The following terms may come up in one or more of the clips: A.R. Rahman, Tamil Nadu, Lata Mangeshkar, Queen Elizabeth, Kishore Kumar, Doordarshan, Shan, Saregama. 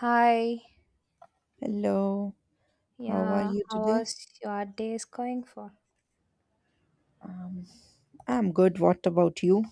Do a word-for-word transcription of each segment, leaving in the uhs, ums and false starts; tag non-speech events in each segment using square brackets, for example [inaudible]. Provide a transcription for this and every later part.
Hi, Hello, how are yeah, you how today? was your day is going for? [laughs] I'm good. What about you?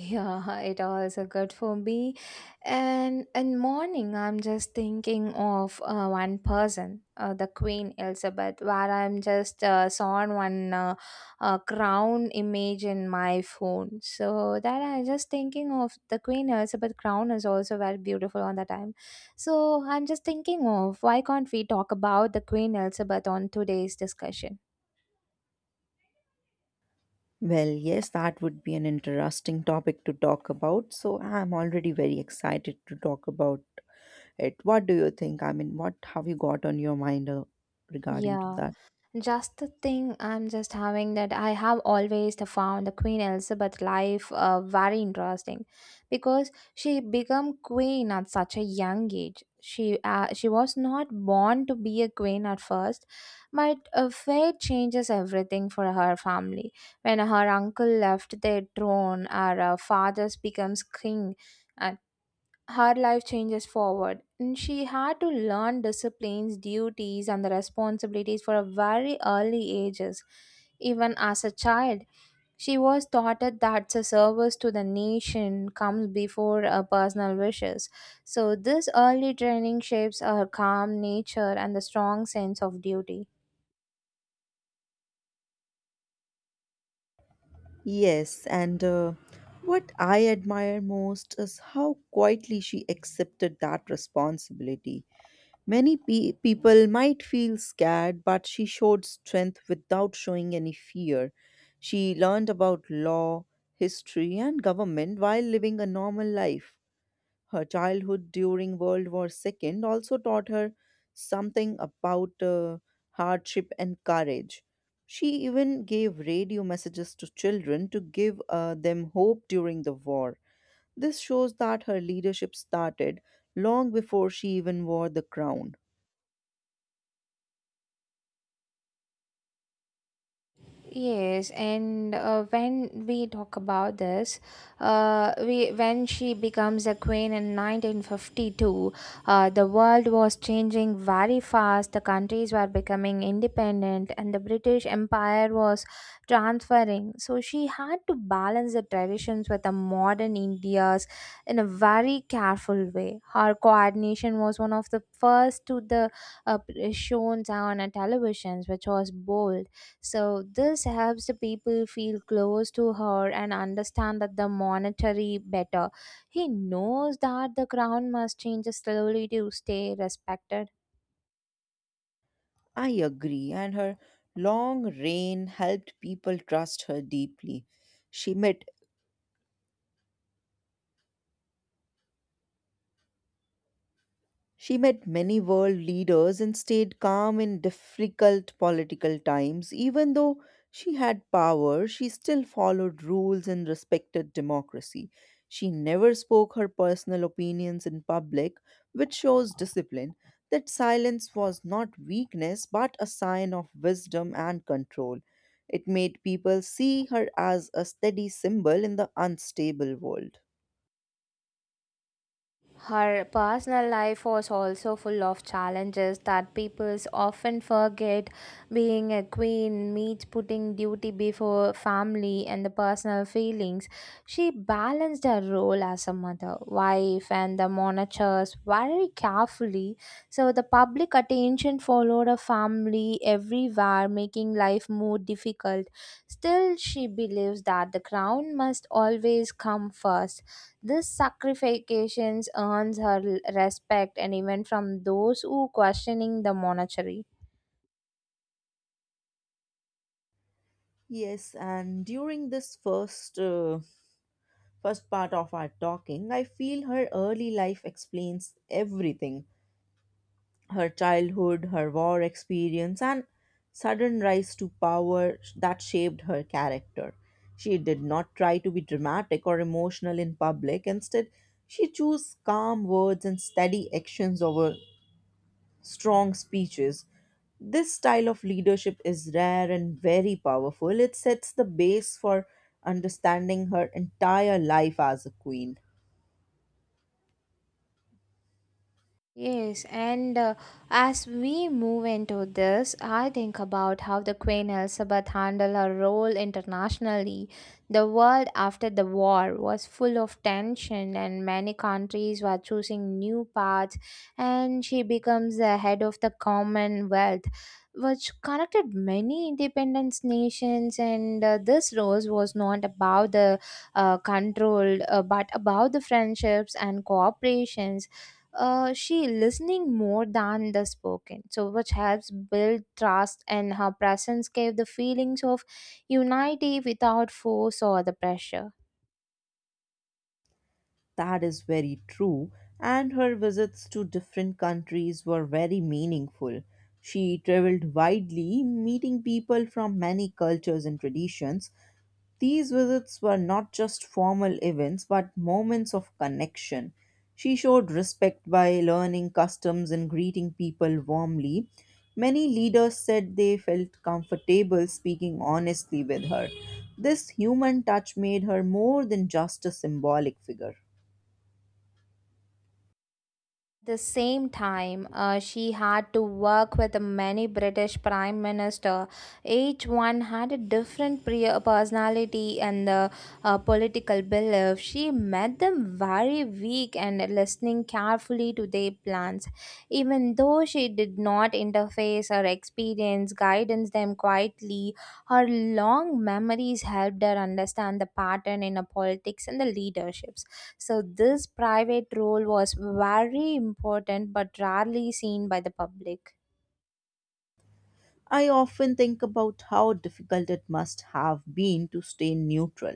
Yeah, it also good for me. And in morning, I'm just thinking of uh, one person, uh, the Queen Elizabeth, where I'm just uh, saw one uh, uh, crown image in my phone. So that I'm just thinking of the Queen Elizabeth crown is also very beautiful on the time. So I'm just thinking of why can't we talk about the Queen Elizabeth on today's discussion? Well, yes, that would be an interesting topic to talk about. So I'm already very excited to talk about it. What do you think? I mean, what have you got on your mind uh, regarding to Yeah. that? Just the thing I'm just having that I have always the found the Queen Elizabeth life uh, very interesting because she became queen at such a young age. She uh, she was not born to be a queen at first, but uh, fate changes everything for her family. When her uncle left the throne, her uh, father's becomes king. uh, Her life changes forward and she had to learn disciplines duties and the responsibilities for a very early ages even as a child she was taught that the service to the nation comes before her personal wishes. So this early training shapes her calm nature and the strong sense of duty. Yes, and uh, what I admire most is how quietly she accepted that responsibility. Many pe- people might feel scared, but she showed strength without showing any fear. She learned about law, history, and government while living a normal life. Her childhood during World War two also taught her something about uh, hardship and courage. She even gave radio messages to children to give uh, them hope during the war. This shows that her leadership started long before she even wore the crown. Yes, and uh, when we talk about this, uh, we when she becomes a queen in nineteen fifty-two, uh, the world was changing very fast. The countries were becoming independent, and the British Empire was transferring. So she had to balance the traditions with the modern India's in a very careful way. Her coordination was one of the first to the uh, shown on a televisions, which was bold. So this helps the people feel close to her and understand that the monetary better. He knows that the crown must change slowly to stay respected. I agree, and her long reign helped people trust her deeply. She met She met many world leaders and stayed calm in difficult political times. Even though she had power, she still followed rules and respected democracy. She never spoke her personal opinions in public, which shows discipline. That silence was not weakness but a sign of wisdom and control. It made people see her as a steady symbol in the unstable world. Her personal life was also full of challenges that people often forget. Being a queen means putting duty before family and the personal feelings. She balanced her role as a mother, wife, and the monarchs very carefully. So the public attention followed her family everywhere, making life more difficult. Still, she believes that the crown must always come first. This sacrifications earns her l- respect and even from those who questioning the monarchy. Yes, and during this first uh, first part of our talking, I feel her early life explains everything, her childhood, her war experience, and sudden rise to power that shaped her character. She did not try to be dramatic or emotional in public. Instead, she chose calm words and steady actions over strong speeches. This style of leadership is rare and very powerful. It sets the base for understanding her entire life as a queen. Yes, and uh, as we move into this, I think about how the Queen Elizabeth handled her role internationally. The world after the war was full of tension, and many countries were choosing new paths, and she becomes the head of the Commonwealth, which connected many independent nations. And uh, this role was not about the uh, control, uh, but about the friendships and cooperations. Uh, she listening more than the spoken so which helps build trust and her presence gave the feelings of unity without force or the pressure. That is very true, and her visits to different countries were very meaningful. She traveled widely, meeting people from many cultures and traditions. These visits were not just formal events but moments of connection. She showed respect by learning customs and greeting people warmly. Many leaders said they felt comfortable speaking honestly with her. This human touch made her more than just a symbolic figure. The same time, uh, she had to work with many British prime minister. Each one had a different pre- uh, personality and uh, uh, political belief. She met them very weak and listening carefully to their plans. Even though she did not interface her experience, guidance them quietly. Her long memories helped her understand the pattern in the politics and the leaderships. So this private role was very important but rarely seen by the public. I often think about how difficult it must have been to stay neutral.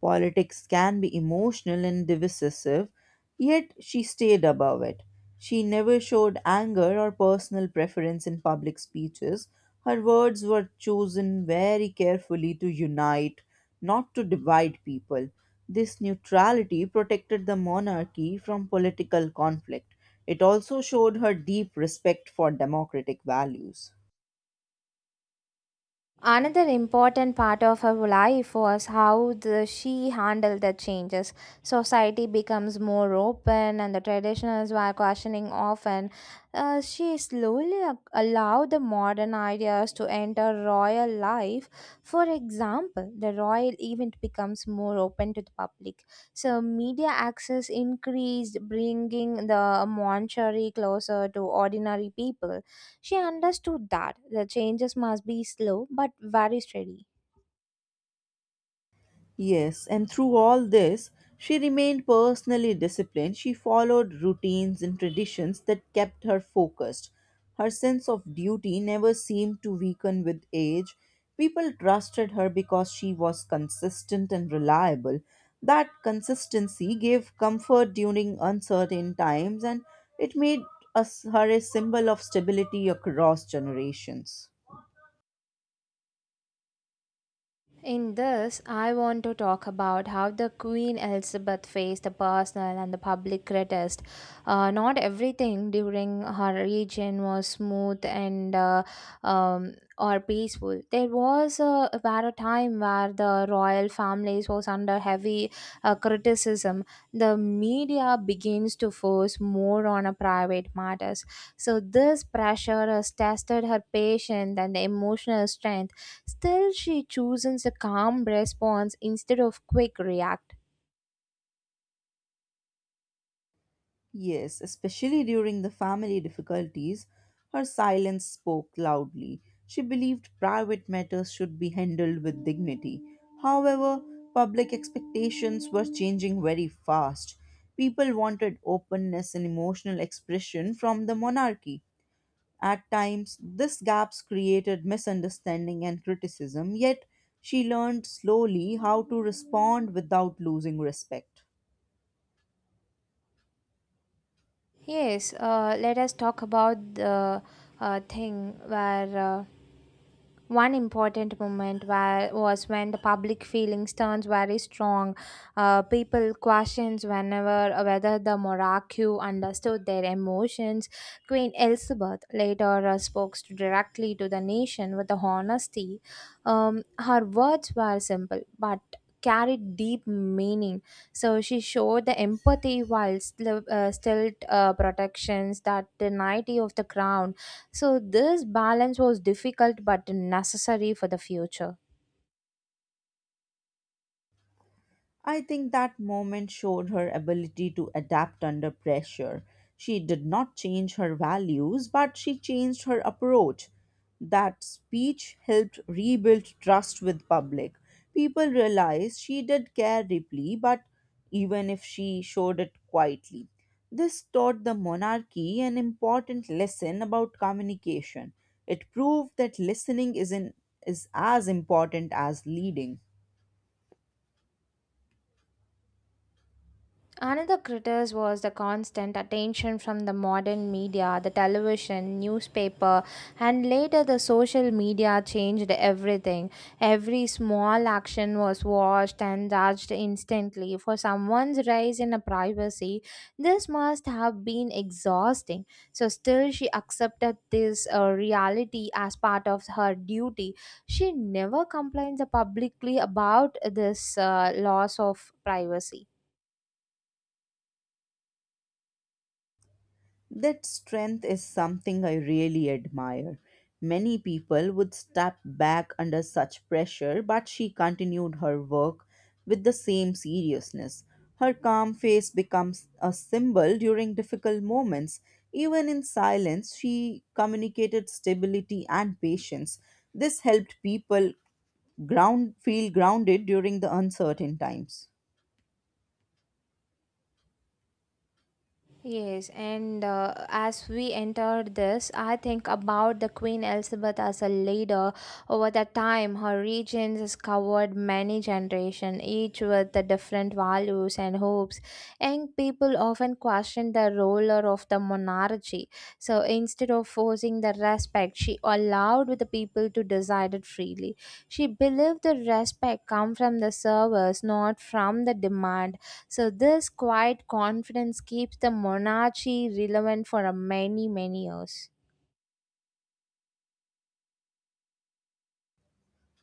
Politics can be emotional and divisive, yet she stayed above it. She never showed anger or personal preference in public speeches. Her words were chosen very carefully to unite, not to divide people. This neutrality protected the monarchy from political conflict. It also showed her deep respect for democratic values. Another important part of her life was how the, she handled the changes. Society becomes more open, and the traditionals were questioning often. Uh, she slowly a- allowed the modern ideas to enter royal life. For example, the royal event becomes more open to the public. So, media access increased, bringing the monarchy closer to ordinary people. She understood that the changes must be slow but very steady. Yes, and through all this, she remained personally disciplined. She followed routines and traditions that kept her focused. Her sense of duty never seemed to weaken with age. People trusted her because she was consistent and reliable. That consistency gave comfort during uncertain times, and it made us, her a symbol of stability across generations. In this, I want to talk about how the Queen Elizabeth faced the personal and the public protest. Uh, not everything during her reign was smooth and uh, um, or peaceful. There was a, were a time where the royal families was under heavy uh, criticism. The media begins to force more on a private matters. So this pressure has tested her patience and the emotional strength. Still, she chooses a calm response instead of quick react. Yes, especially during the family difficulties, her silence spoke loudly. She believed private matters should be handled with dignity. However, public expectations were changing very fast. People wanted openness and emotional expression from the monarchy. At times, these gaps created misunderstanding and criticism, yet she learned slowly how to respond without losing respect. Yes, uh, let us talk about the uh, thing where. Uh, One important moment wa- was when the public feelings turns very strong. Uh, people questions whenever uh, whether the monarchy understood their emotions. Queen Elizabeth later uh, spoke to- directly to the nation with the honesty. Um, her words were simple but carried deep meaning. So she showed the empathy while still, uh, still uh, protections that the dignity of the crown. So, this balance was difficult but necessary for the future. I think that moment showed her ability to adapt under pressure. She did not change her values, but she changed her approach. That speech helped rebuild trust with public. People realized she did care deeply, but even if she showed it quietly. This taught the monarchy an important lesson about communication. It proved that listening is, in, is as important as leading. Another critique was the constant attention from the modern media, the television, newspaper, and later the social media changed everything. Every small action was watched and judged instantly. For someone's rise in a privacy, this must have been exhausting. So still she accepted this uh, reality as part of her duty. She never complains publicly about this uh, loss of privacy. That strength is something I really admire. Many people would step back under such pressure, but she continued her work with the same seriousness. Her calm face becomes a symbol during difficult moments. Even in silence, she communicated stability and patience. This helped people ground, feel grounded during the uncertain times. Yes, and uh, as we enter this, I think about the Queen Elizabeth as a leader. Over the time, her regions has covered many generations, each with the different values and hopes. Young people often question the ruler of the monarchy. So instead of forcing the respect, she allowed the people to decide it freely. She believed the respect come from the service, not from the demand. So this quiet confidence keeps the monarchy relevant for a many many years.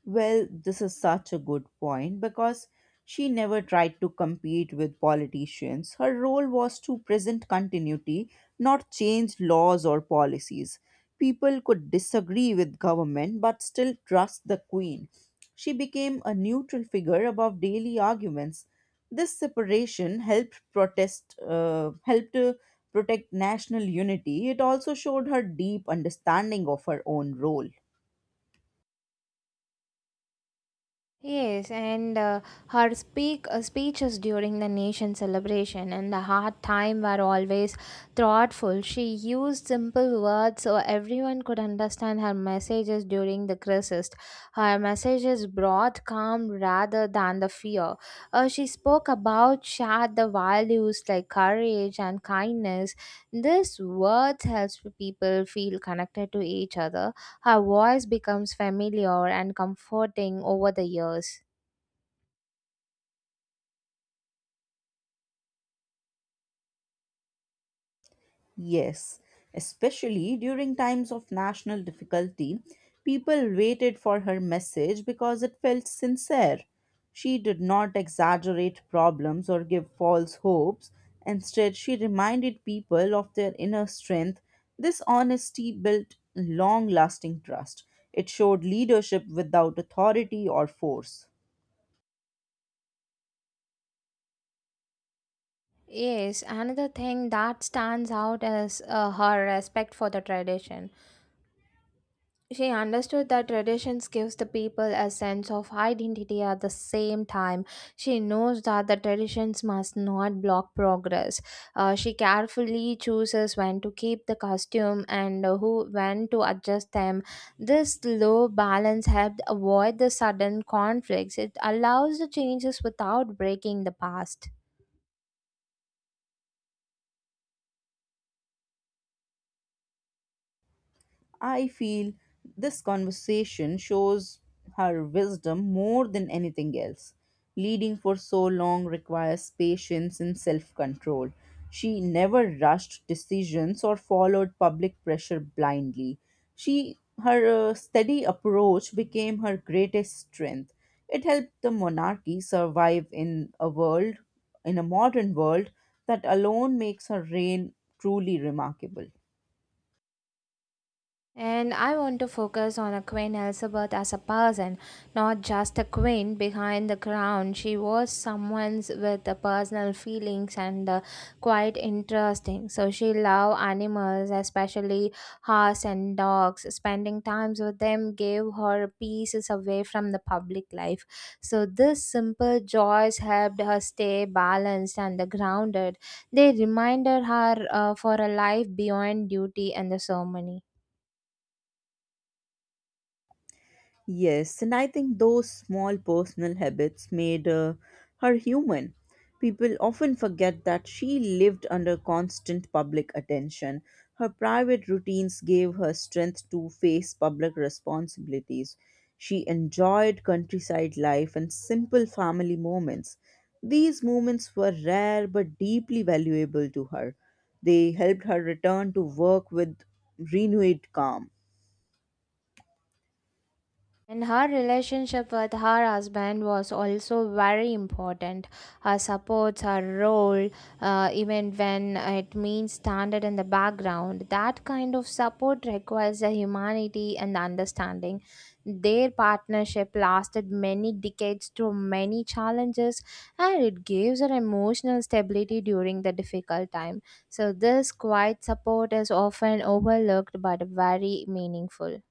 Well, this is such a good point because she never tried to compete with politicians. Her role was to present continuity, not change laws or policies. People could disagree with government but still trust the queen. She became a neutral figure above daily arguments. This separation helped protest uh, helped to protect national unity. It also showed her deep understanding of her own role. Yes, and uh, her speak uh, speeches during the nation celebration and the hard time were always thoughtful. She used simple words so everyone could understand her messages during the crisis. Her messages brought calm rather than the fear. Uh, she spoke about shared the values like courage and kindness. This words helps people feel connected to each other. Her voice becomes familiar and comforting over the years. Yes, especially during times of national difficulty, people waited for her message because it felt sincere. She did not exaggerate problems or give false hopes. Instead, she reminded people of their inner strength. This honesty built long lasting trust. It showed leadership without authority or force. Yes, another thing that stands out is uh, her respect for the tradition. She understood that traditions gives the people a sense of identity at the same time. She knows that the traditions must not block progress. Uh, she carefully chooses when to keep the costume and who when to adjust them. This slow balance helped avoid the sudden conflicts. It allows the changes without breaking the past. I feel this conversation shows her wisdom more than anything else. Leading for so long requires patience and self control. She never rushed decisions or followed public pressure blindly. She, her uh, steady approach became her greatest strength. It helped the monarchy survive in a world, in a modern world, that alone makes her reign truly remarkable. And I want to focus on a Queen Elizabeth as a person, not just a queen behind the crown. She was someone with the personal feelings and uh, quite interesting. So she loved animals, especially horse and dogs. Spending times with them gave her pieces away from the public life. So this simple joys helped her stay balanced and grounded. They reminded her uh, for a life beyond duty and the ceremony. Yes, and I think those small personal habits made uh, her human. People often forget that she lived under constant public attention. Her private routines gave her strength to face public responsibilities. She enjoyed countryside life and simple family moments. These moments were rare but deeply valuable to her. They helped her return to work with renewed calm. And her relationship with her husband was also very important. Her supports, her role, uh, even when it means standard in the background. That kind of support requires the humanity and the understanding. Their partnership lasted many decades through many challenges, and it gives her emotional stability during the difficult time. So, this quiet support is often overlooked but very meaningful.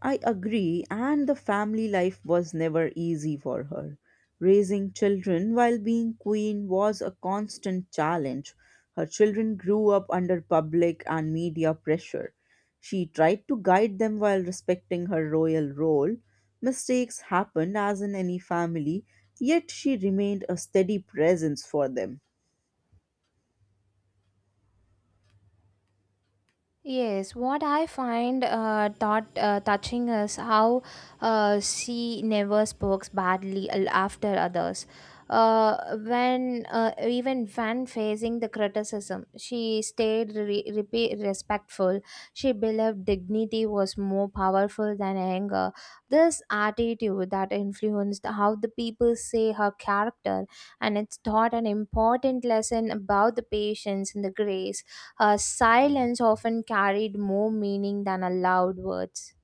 I agree, and the family life was never easy for her. Raising children while being queen was a constant challenge. Her children grew up under public and media pressure. She tried to guide them while respecting her royal role. Mistakes happened as in any family, yet she remained a steady presence for them. Yes, what I find uh, thought uh, touching is how uh, she never spoke badly al- after others. Uh, when uh, Even when facing the criticism, she stayed re- repe- respectful. She believed dignity was more powerful than anger. This attitude that influenced how the people say her character, and it's taught an important lesson about the patience and the grace. Uh, silence often carried more meaning than a loud words.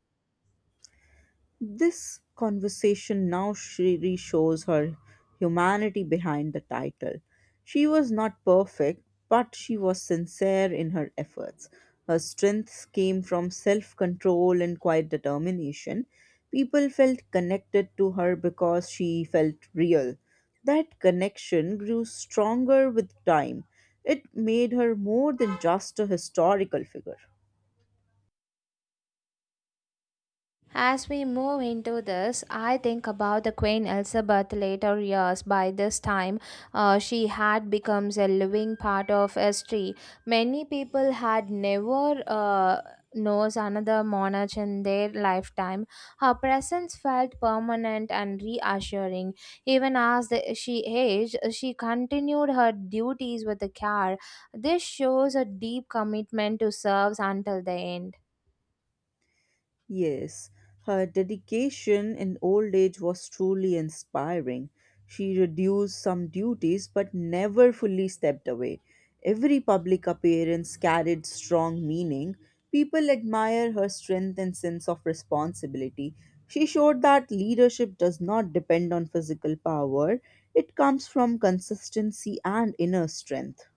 This conversation now she reshows her humanity behind the title. She was not perfect, but she was sincere in her efforts. Her strength came from self control and quiet determination. People felt connected to her because she felt real. That connection grew stronger with time. It made her more than just a historical figure. As we move into this, I think about the Queen Elizabeth later years. By this time, uh, she had become a living part of history. Many people had never uh, knows another monarch in their lifetime. Her presence felt permanent and reassuring. Even as the, she aged, she continued her duties with care. This shows a deep commitment to serve until the end. Yes, her dedication in old age was truly inspiring. She reduced some duties but never fully stepped away. Every public appearance carried strong meaning. People admire her strength and sense of responsibility. She showed that leadership does not depend on physical power, it comes from consistency and inner strength.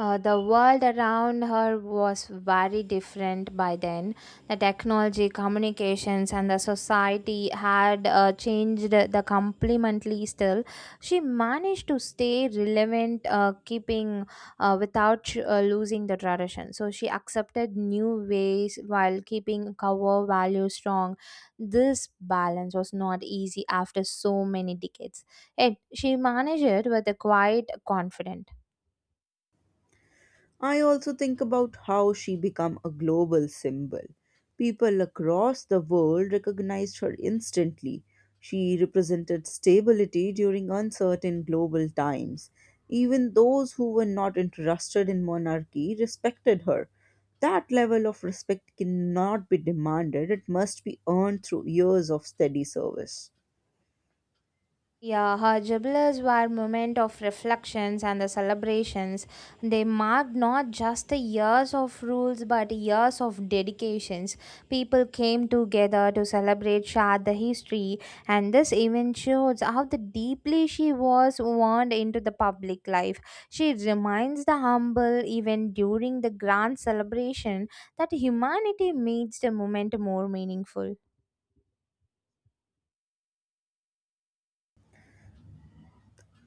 Uh, the world around her was very different by then. The technology, communications, and the society had uh, changed the completely. Still, she managed to stay relevant, uh, keeping uh, without uh, losing the tradition. So she accepted new ways while keeping core values strong. This balance was not easy after so many decades. Yet she managed it with a quiet confidence. I also think about how she became a global symbol. People across the world recognized her instantly. She represented stability during uncertain global times. Even those who were not interested in monarchy respected her. That level of respect cannot be demanded, it must be earned through years of steady service. Yeah, her jubilars were moment of reflections and the celebrations. They marked not just the years of rules but years of dedications. People came together to celebrate share the history, and this event shows how the deeply she was wound into the public life. She reminds the humble even during the grand celebration. That humanity makes the moment more meaningful.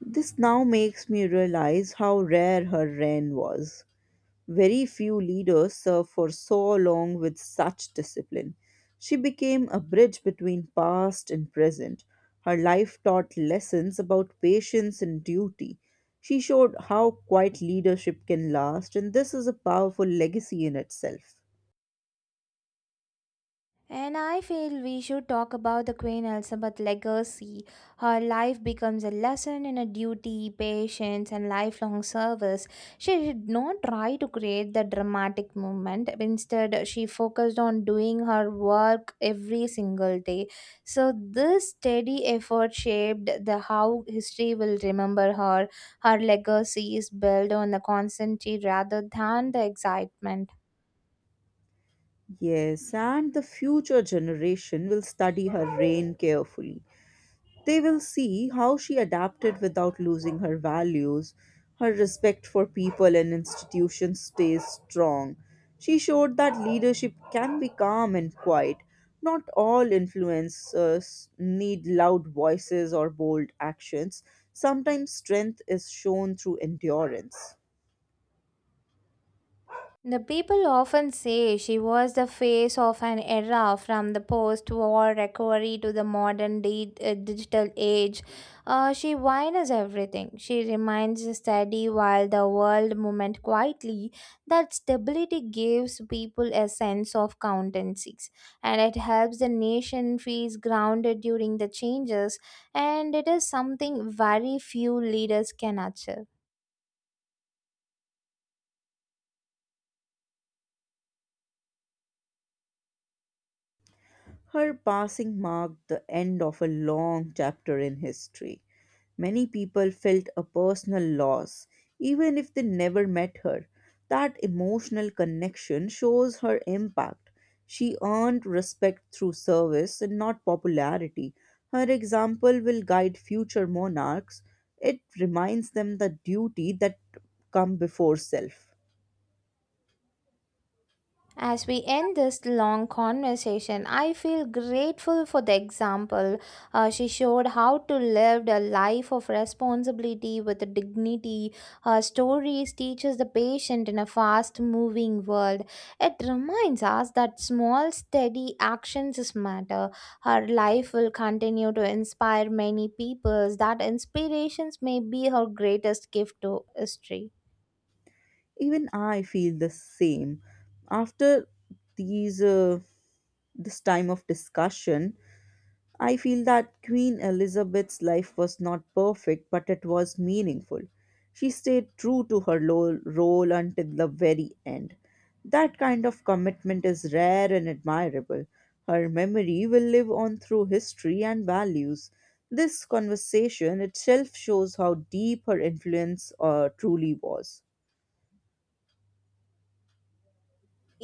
This now makes me realize how rare her reign was. Very few leaders serve for so long with such discipline. She became a bridge between past and present. Her life taught lessons about patience and duty. She showed how quiet leadership can last, and this is a powerful legacy in itself. And I feel we should talk about the Queen Elizabeth legacy. Her life becomes a lesson in a duty, patience, and lifelong service. She did not try to create the dramatic movement. Instead, she focused on doing her work every single day. So this steady effort shaped the how history will remember her. Her legacy is built on the constancy rather than the excitement. Yes, and the future generation will study her reign carefully. They will see how she adapted without losing her values. Her respect for people and institutions stays strong. She showed that leadership can be calm and quiet. Not all influencers need loud voices or bold actions. Sometimes strength is shown through endurance. The people often say she was the face of an era from the post war recovery to the modern di- uh, digital age. Uh, she wines everything. She remains steady while the world movement quietly. That stability gives people a sense of countencies and it helps the nation feels grounded during the changes, and it is something very few leaders can achieve. Her passing marked the end of a long chapter in history. Many people felt a personal loss, even if they never met her. That emotional connection shows her impact. She earned respect through service and not popularity. Her example will guide future monarchs. It reminds them the duty that come before self. As we end this long conversation, I feel grateful for the example. Uh, she showed how to live a life of responsibility with dignity. Her stories teaches the patient in a fast-moving world. It reminds us that small, steady actions is matter. Her life will continue to inspire many peoples. That inspirations may be her greatest gift to history. Even I feel the same. After these uh, this time of discussion, I feel that Queen Elizabeth's life was not perfect, but it was meaningful. She stayed true to her lo- role until the very end. That kind of commitment is rare and admirable. Her memory will live on through history and values. This conversation itself shows how deep her influence uh, truly was.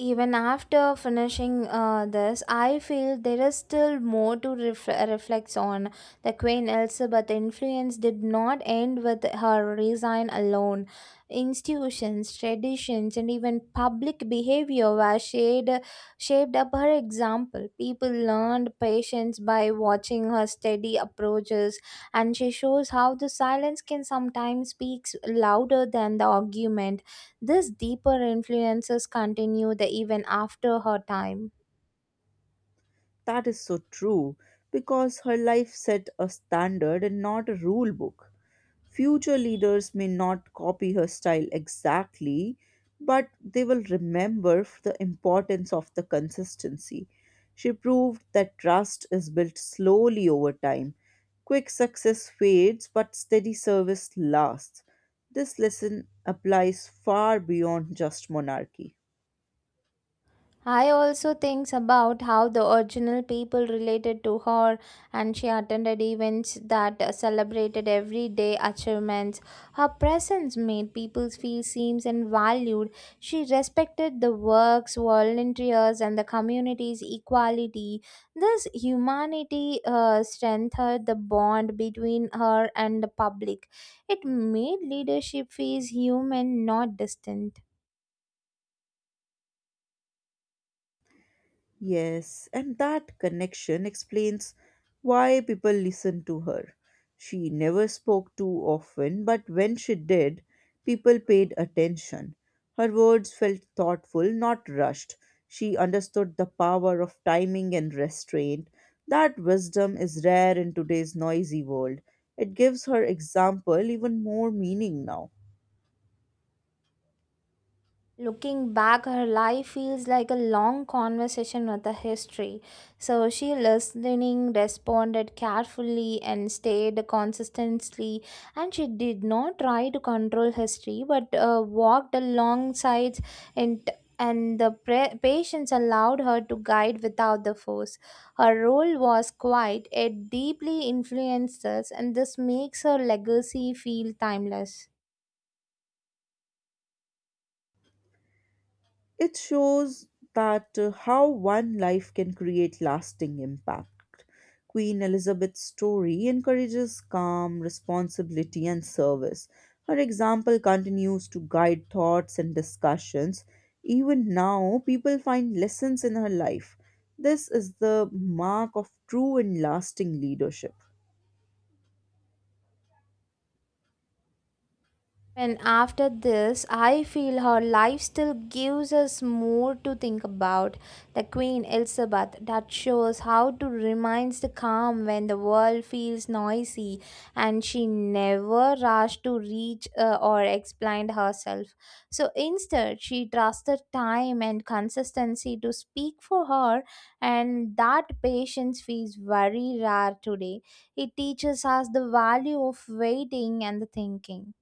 Even after finishing uh, this, I feel there is still more to ref- reflect on. The Queen Elizabeth influence did not end with her resign alone. Institutions, traditions, and even public behavior were shaped, shaped up her example. People learned patience by watching her steady approaches, and she shows how the silence can sometimes speak louder than the argument. These deeper influences continue the even after her time. That is so true because her life set a standard and not a rule book. Future leaders may not copy her style exactly, but they will remember the importance of the consistency. She proved that trust is built slowly over time. Quick success fades, but steady service lasts. This lesson applies far beyond just monarchy. I also thinks about how the original people related to her and she attended events that celebrated everyday achievements. Her presence made people feel seen and valued. She respected the works, volunteers and the community's equality. This humanity uh, strengthened the bond between her and the public. It made leadership feel human, not distant. Yes, and that connection explains why people listened to her. She never spoke too often, but when she did, people paid attention. Her words felt thoughtful, not rushed. She understood the power of timing and restraint. That wisdom is rare in today's noisy world. It gives her example even more meaning now. Looking back, her life feels like a long conversation with a history. So she listening, responded carefully, and stayed consistently. And she did not try to control history, but uh, walked alongside, and and the pre- patience allowed her to guide without the force. Her role was quiet; it deeply influences, and this makes her legacy feel timeless. It shows that uh, how one life can create lasting impact. Queen Elizabeth's story encourages calm, responsibility, and service. Her example continues to guide thoughts and discussions. Even now, people find lessons in her life. This is the mark of true and lasting leadership. And after this, I feel her life still gives us more to think about. The Queen Elizabeth that shows how to remain the calm when the world feels noisy, and she never rushed to reach uh, or explain herself. So instead, she trusted time and consistency to speak for her, and that patience feels very rare today. It teaches us the value of waiting and the thinking.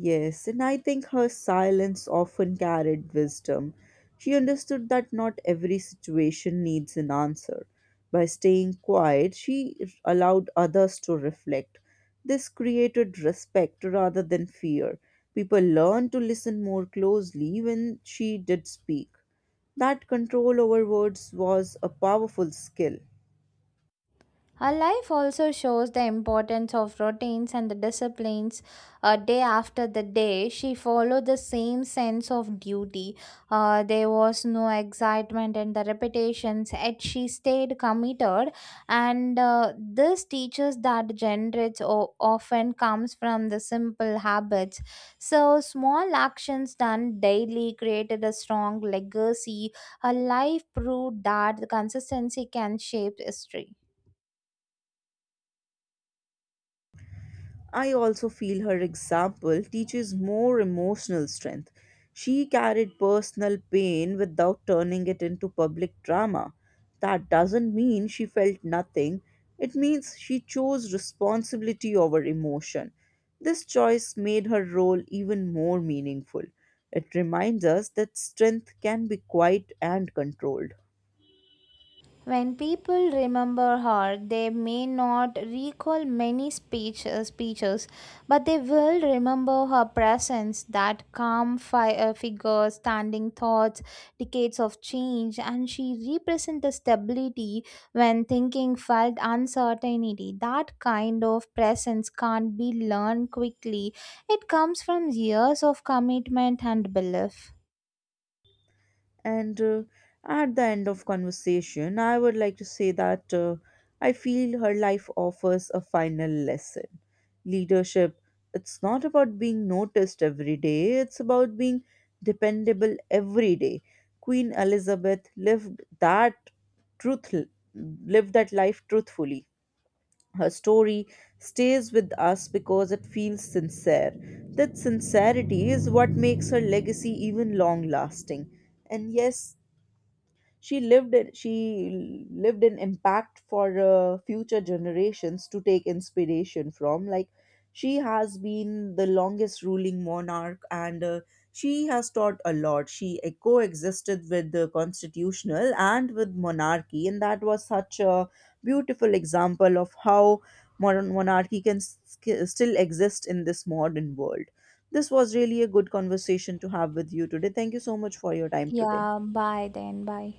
Yes, and I think her silence often carried wisdom. She understood that not every situation needs an answer. By staying quiet, she allowed others to reflect. This created respect rather than fear. People learned to listen more closely when she did speak. That control over words was a powerful skill. Her life also shows the importance of routines and the disciplines. Uh, day after the day, she followed the same sense of duty. Uh, there was no excitement in the repetitions, yet she stayed committed. And uh, this teaches that generates o- often comes from the simple habits. So, small actions done daily created a strong legacy. Her life proved that the consistency can shape history. I also feel her example teaches more emotional strength. She carried personal pain without turning it into public drama. That doesn't mean she felt nothing, it means she chose responsibility over emotion. This choice made her role even more meaningful. It reminds us that strength can be quiet and controlled. When people remember her, they may not recall many speech, uh, speeches, but they will remember her presence, that calm fi- uh, figure, standing thoughts, decades of change, and she represents the stability when thinking felt uncertainty. That kind of presence can't be learned quickly. It comes from years of commitment and belief. And uh, at the end of conversation, I would like to say that uh, I feel her life offers a final lesson. Leadership, it's not about being noticed every day, it's about being dependable every day. Queen Elizabeth lived that truth lived that life truthfully. Her story stays with us because it feels sincere. That sincerity is what makes her legacy even long lasting. And yes, she lived it, she lived in impact for uh, future generations to take inspiration from. Like she has been the longest ruling monarch, and uh, she has taught a lot. She uh, coexisted with the constitutional and with monarchy, and that was such a beautiful example of how modern monarchy can sk- still exist in this modern world. This was really a good conversation to have with you today. Thank you so much for your time today. Yeah, bye then, bye.